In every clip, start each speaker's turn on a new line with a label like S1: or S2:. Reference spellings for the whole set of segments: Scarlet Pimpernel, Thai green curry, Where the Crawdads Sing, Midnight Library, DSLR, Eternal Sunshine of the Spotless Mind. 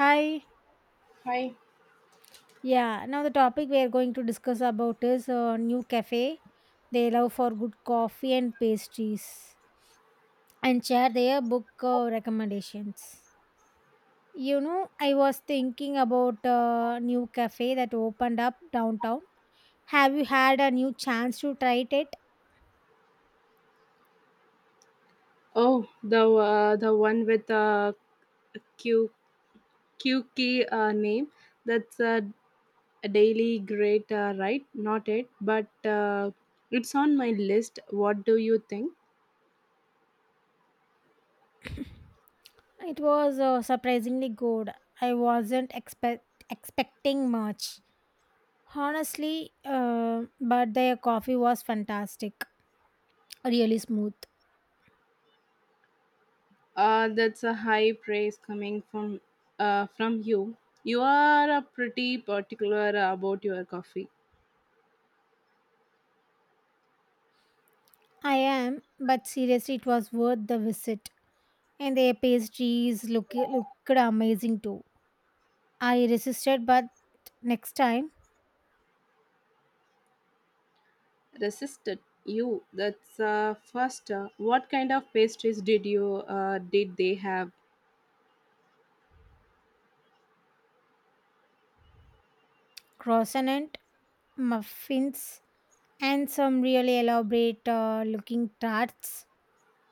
S1: Hi.
S2: Hi.
S1: Yeah. Now the topic we are going to discuss about is new cafe. They love for good coffee and pastries, and share their book recommendations. You know, I was thinking about a new cafe that opened up downtown. Have you had a new chance to try it?
S2: Oh, the one with the Q QK name. That's a daily right? Not it, but it's on my list. What do you think?
S1: It was surprisingly good. I wasn't expect expecting much, honestly, uh, but their coffee was fantastic, really smooth.
S2: That's a high praise coming from you. You are a pretty particular about your coffee.
S1: I am, but seriously, it was worth the visit. And their looked amazing too. I resisted, but next time,
S2: Resisted you. That's first. What kind of pastries did they have?
S1: croissant, muffins, and some really elaborate looking tarts.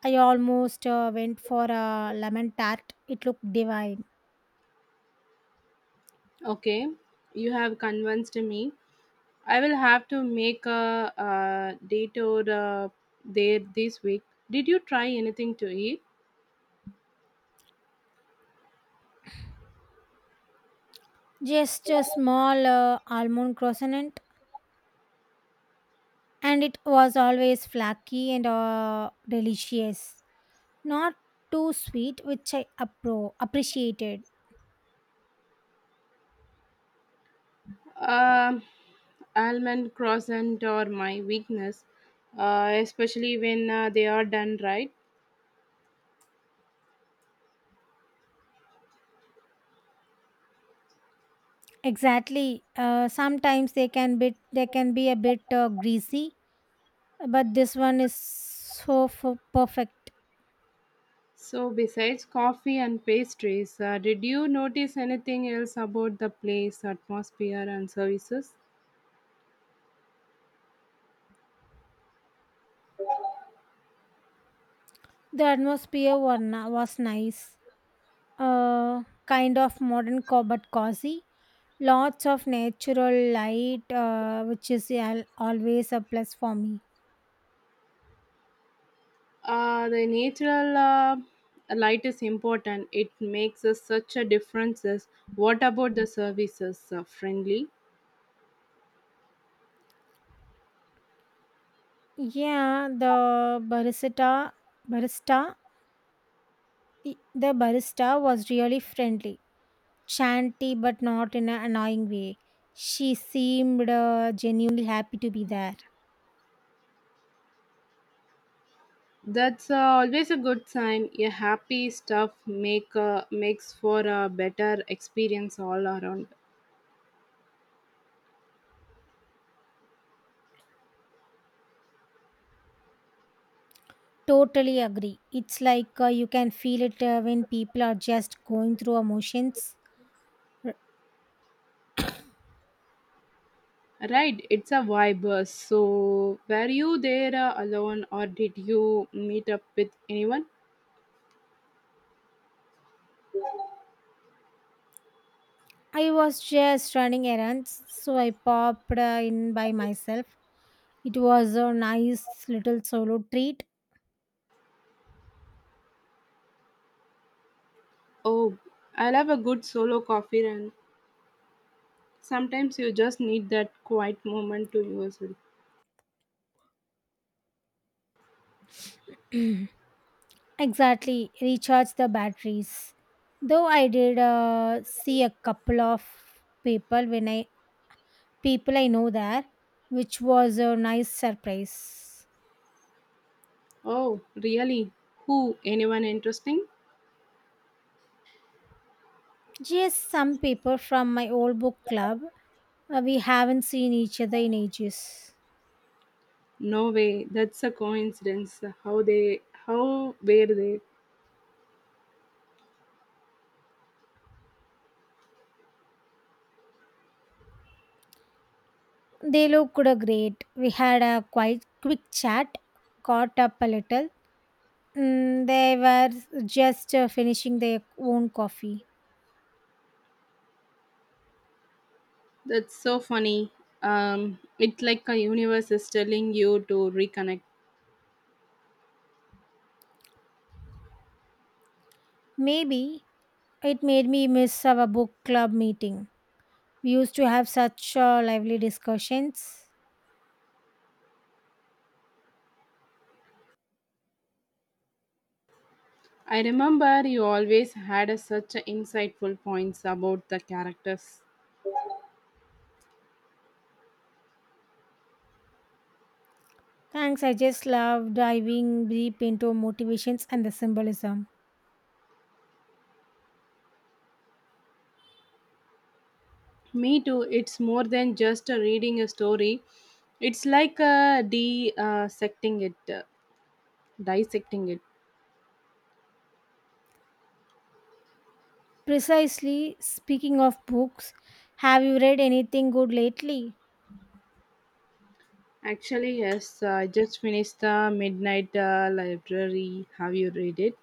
S1: I almost went for a lemon tart. It looked divine.
S2: Okay, you have convinced me. I will have to make a, detour there this week. Did you try anything to eat?
S1: Just a small almond croissant, and it was always flaky and delicious. Not too sweet, which I appreciated.
S2: Um, Almond croissant are my weakness, especially when they are done right.
S1: Exactly. Sometimes they can be a bit greasy, but this one is perfect.
S2: So, besides coffee and pastries, did you notice anything else about the place, atmosphere, and services?
S1: The was nice. Uh, Kind of but cozy. Lots of natural light, which is always a plus for me.
S2: The natural light is important. It makes us such a differences. What about the services? Friendly?
S1: Yeah, the barista barista the barista was really friendly chanty but not in an annoying way. She seemed genuinely happy to be there.
S2: That's always a good sign. A happy stuff makes for a better experience all around.
S1: Totally agree. It's like you can feel it when people are just going through emotions.
S2: Right, it's a vibe. So, were you there alone or did you meet up with anyone?
S1: I was just running errands, so I popped in by myself. It was a nice little solo treat.
S2: Oh, I love a good solo coffee run. Sometimes you just need that quiet moment to yourself.
S1: Exactly, recharge the batteries. Though I did see a couple of people when I people I know there, which was a nice surprise.
S2: Oh, really? Who? Anyone interesting?
S1: Yes, some people from my old book club. We haven't seen each other in ages.
S2: No way. That's a coincidence. How they? How were they?
S1: They looked great. We had a quite quick chat, caught up a little. Mm, they were just finishing their own coffee.
S2: That's so funny. It's like a universe is telling you to reconnect.
S1: Maybe it made me miss our book club meeting. We used to have such lively discussions.
S2: I remember you always had such a insightful points about the characters.
S1: Thanks, I just love diving deep into motivations and the symbolism.
S2: Me too. It's more than just a reading a story. It's like a dissecting it, Dissecting it.
S1: Precisely, speaking of books, have you read anything good lately?
S2: Actually, yes. I just finished the Midnight Library. Have you read it?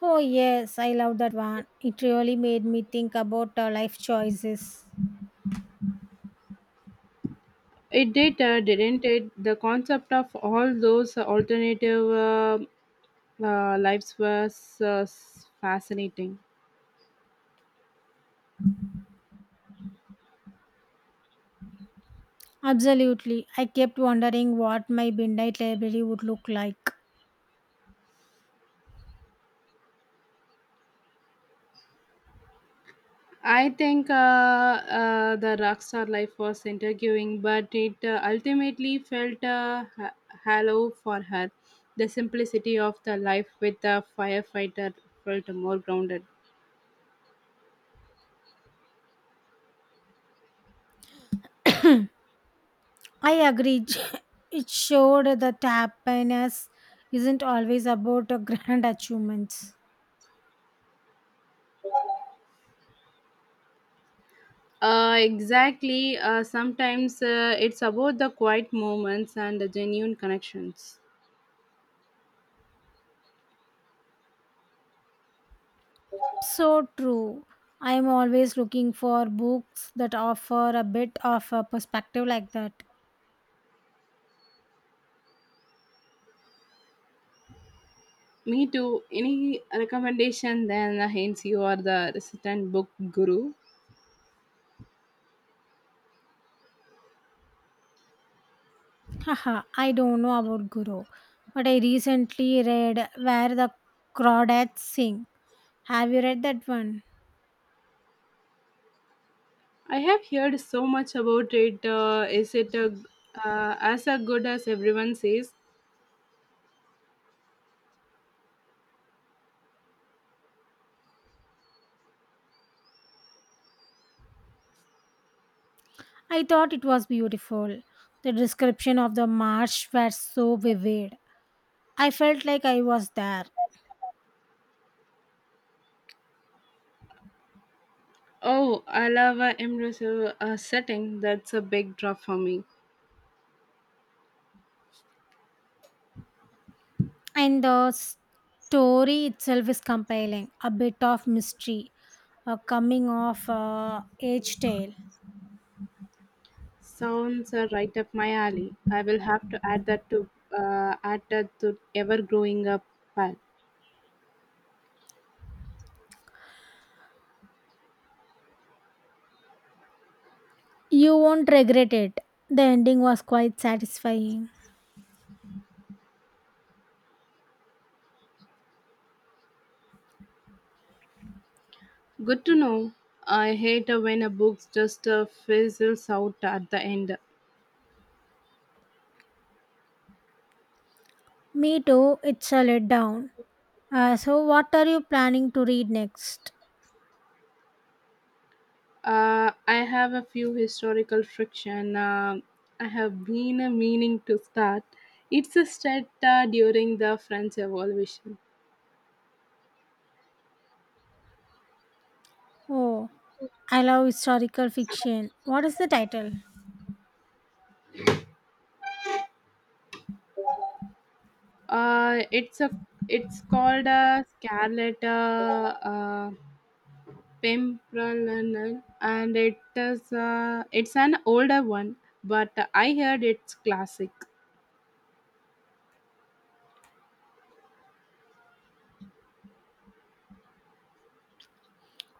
S1: Oh, yes, I love that one. It really made me think about life choices.
S2: It did, didn't it? The concept of all those alternative lives was fascinating.
S1: Absolutely. I kept wondering what my midnight library would look like.
S2: I think The rockstar life was intriguing, but it ultimately felt hollow for her. The simplicity of the life with the firefighter felt more grounded.
S1: I agreed. It showed that happiness isn't always about grand achievements.
S2: Exactly. Sometimes it's about the quiet moments and the genuine connections.
S1: So true. I am always looking for books that offer a bit of a perspective like that.
S2: Me too. Any recommendation then, hence you are the resident book guru.
S1: Haha, I don't know about Guru, but I recently read Where the Crawdads Sing. Have you read that one?
S2: I have heard so much about it. Is it as a good as everyone says?
S1: I thought it was beautiful. The description of the marsh was so vivid. I felt like I was there.
S2: Oh, I love a immersive setting. That's a big draw for me.
S1: And the story itself is compelling, a bit of mystery, a coming of age tale.
S2: Sounds right up my alley. I will have to add that to ever growing up pile.
S1: You won't regret it. The ending was quite satisfying.
S2: Good to know. I hate when a book just fizzles out at the end.
S1: Me too, it's a letdown. So, what are you planning to read next?
S2: I have a few historical friction. I have been meaning to start. It's a set during the French Revolution.
S1: Oh, I love historical fiction. What is the title?
S2: Uh, it's a it's called a Scarlet Pimpernel, and it's an older one, but I heard it's classic.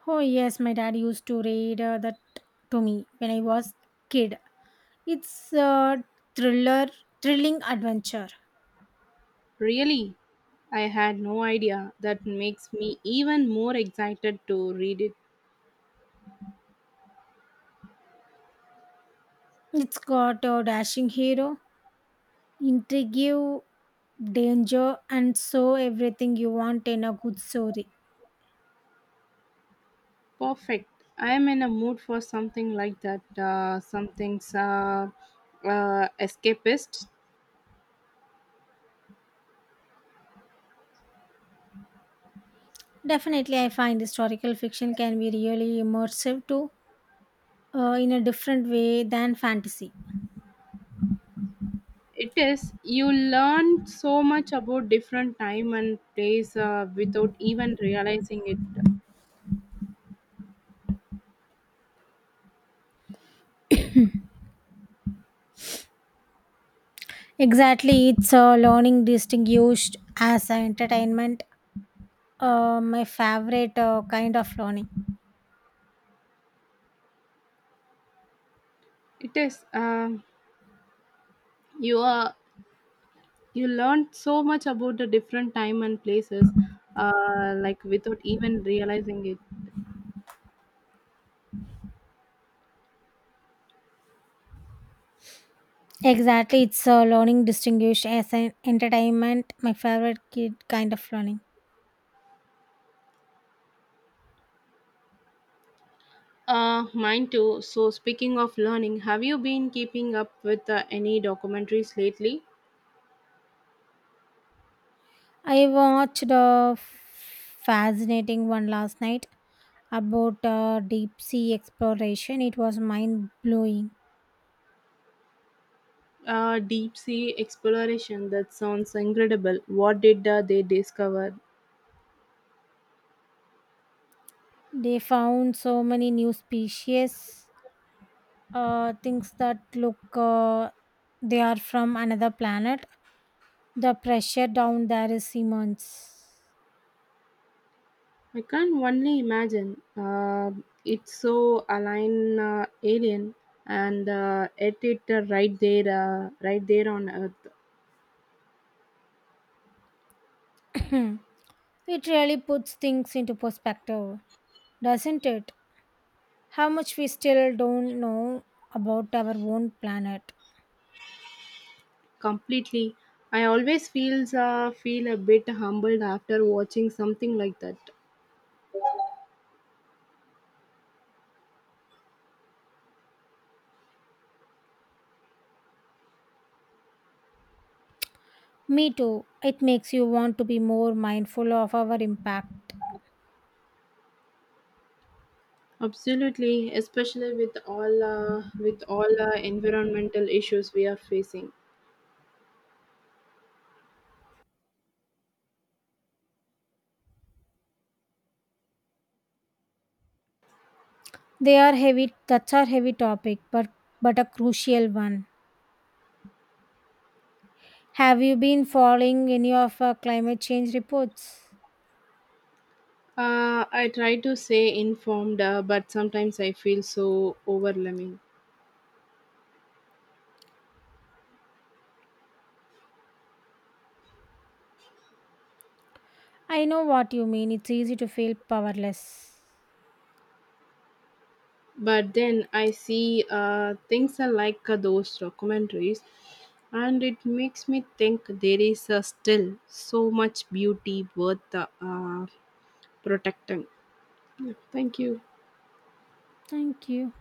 S1: Oh, yes, my dad used to read that to me when I was kid. It's a thriller, thrilling adventure.
S2: Really, I had no idea. That makes me even more excited to read it.
S1: It's got a dashing hero, intrigue, danger, and so everything you want in a good story.
S2: Perfect. I am in a mood for something like that. Something's escapist.
S1: Definitely, I find historical fiction can be really immersive too, in a different way than fantasy.
S2: It is. You learn so much about different time and place without even realizing it.
S1: Exactly, it's a learning distinguished as a entertainment. My favorite kind of learning.
S2: It is. You are. You learn so much about the different time and places, like without even realizing it.
S1: Exactly, it's a learning distinguished as an entertainment. My favorite kid kind of learning.
S2: Mine too. So speaking of learning, have you been keeping up with any documentaries lately?
S1: I watched a fascinating one last night about deep sea exploration. It was mind blowing.
S2: Deep sea exploration, that sounds incredible. What did they discover?
S1: They found so many new species, things that look they are from another planet. The pressure down there is immense.
S2: I can only imagine. It's so align alien, and right there on Earth,
S1: It really puts things into perspective, doesn't it? How much we still don't know about our own planet.
S2: completely. I always feel a bit humbled after watching something like that.
S1: Me too. It makes you want to be more mindful of our impact.
S2: Absolutely, especially with all environmental issues we are facing.
S1: They are heavy, that's a heavy topic, but a crucial one. Have you been following any of climate change reports?
S2: I try to stay informed, but sometimes I feel so overwhelming.
S1: I know what you mean. It's easy to feel powerless.
S2: But then I see things are like those documentaries, and it makes me think there is still so much beauty worth protecting. Yeah, Thank you.
S1: Thank you.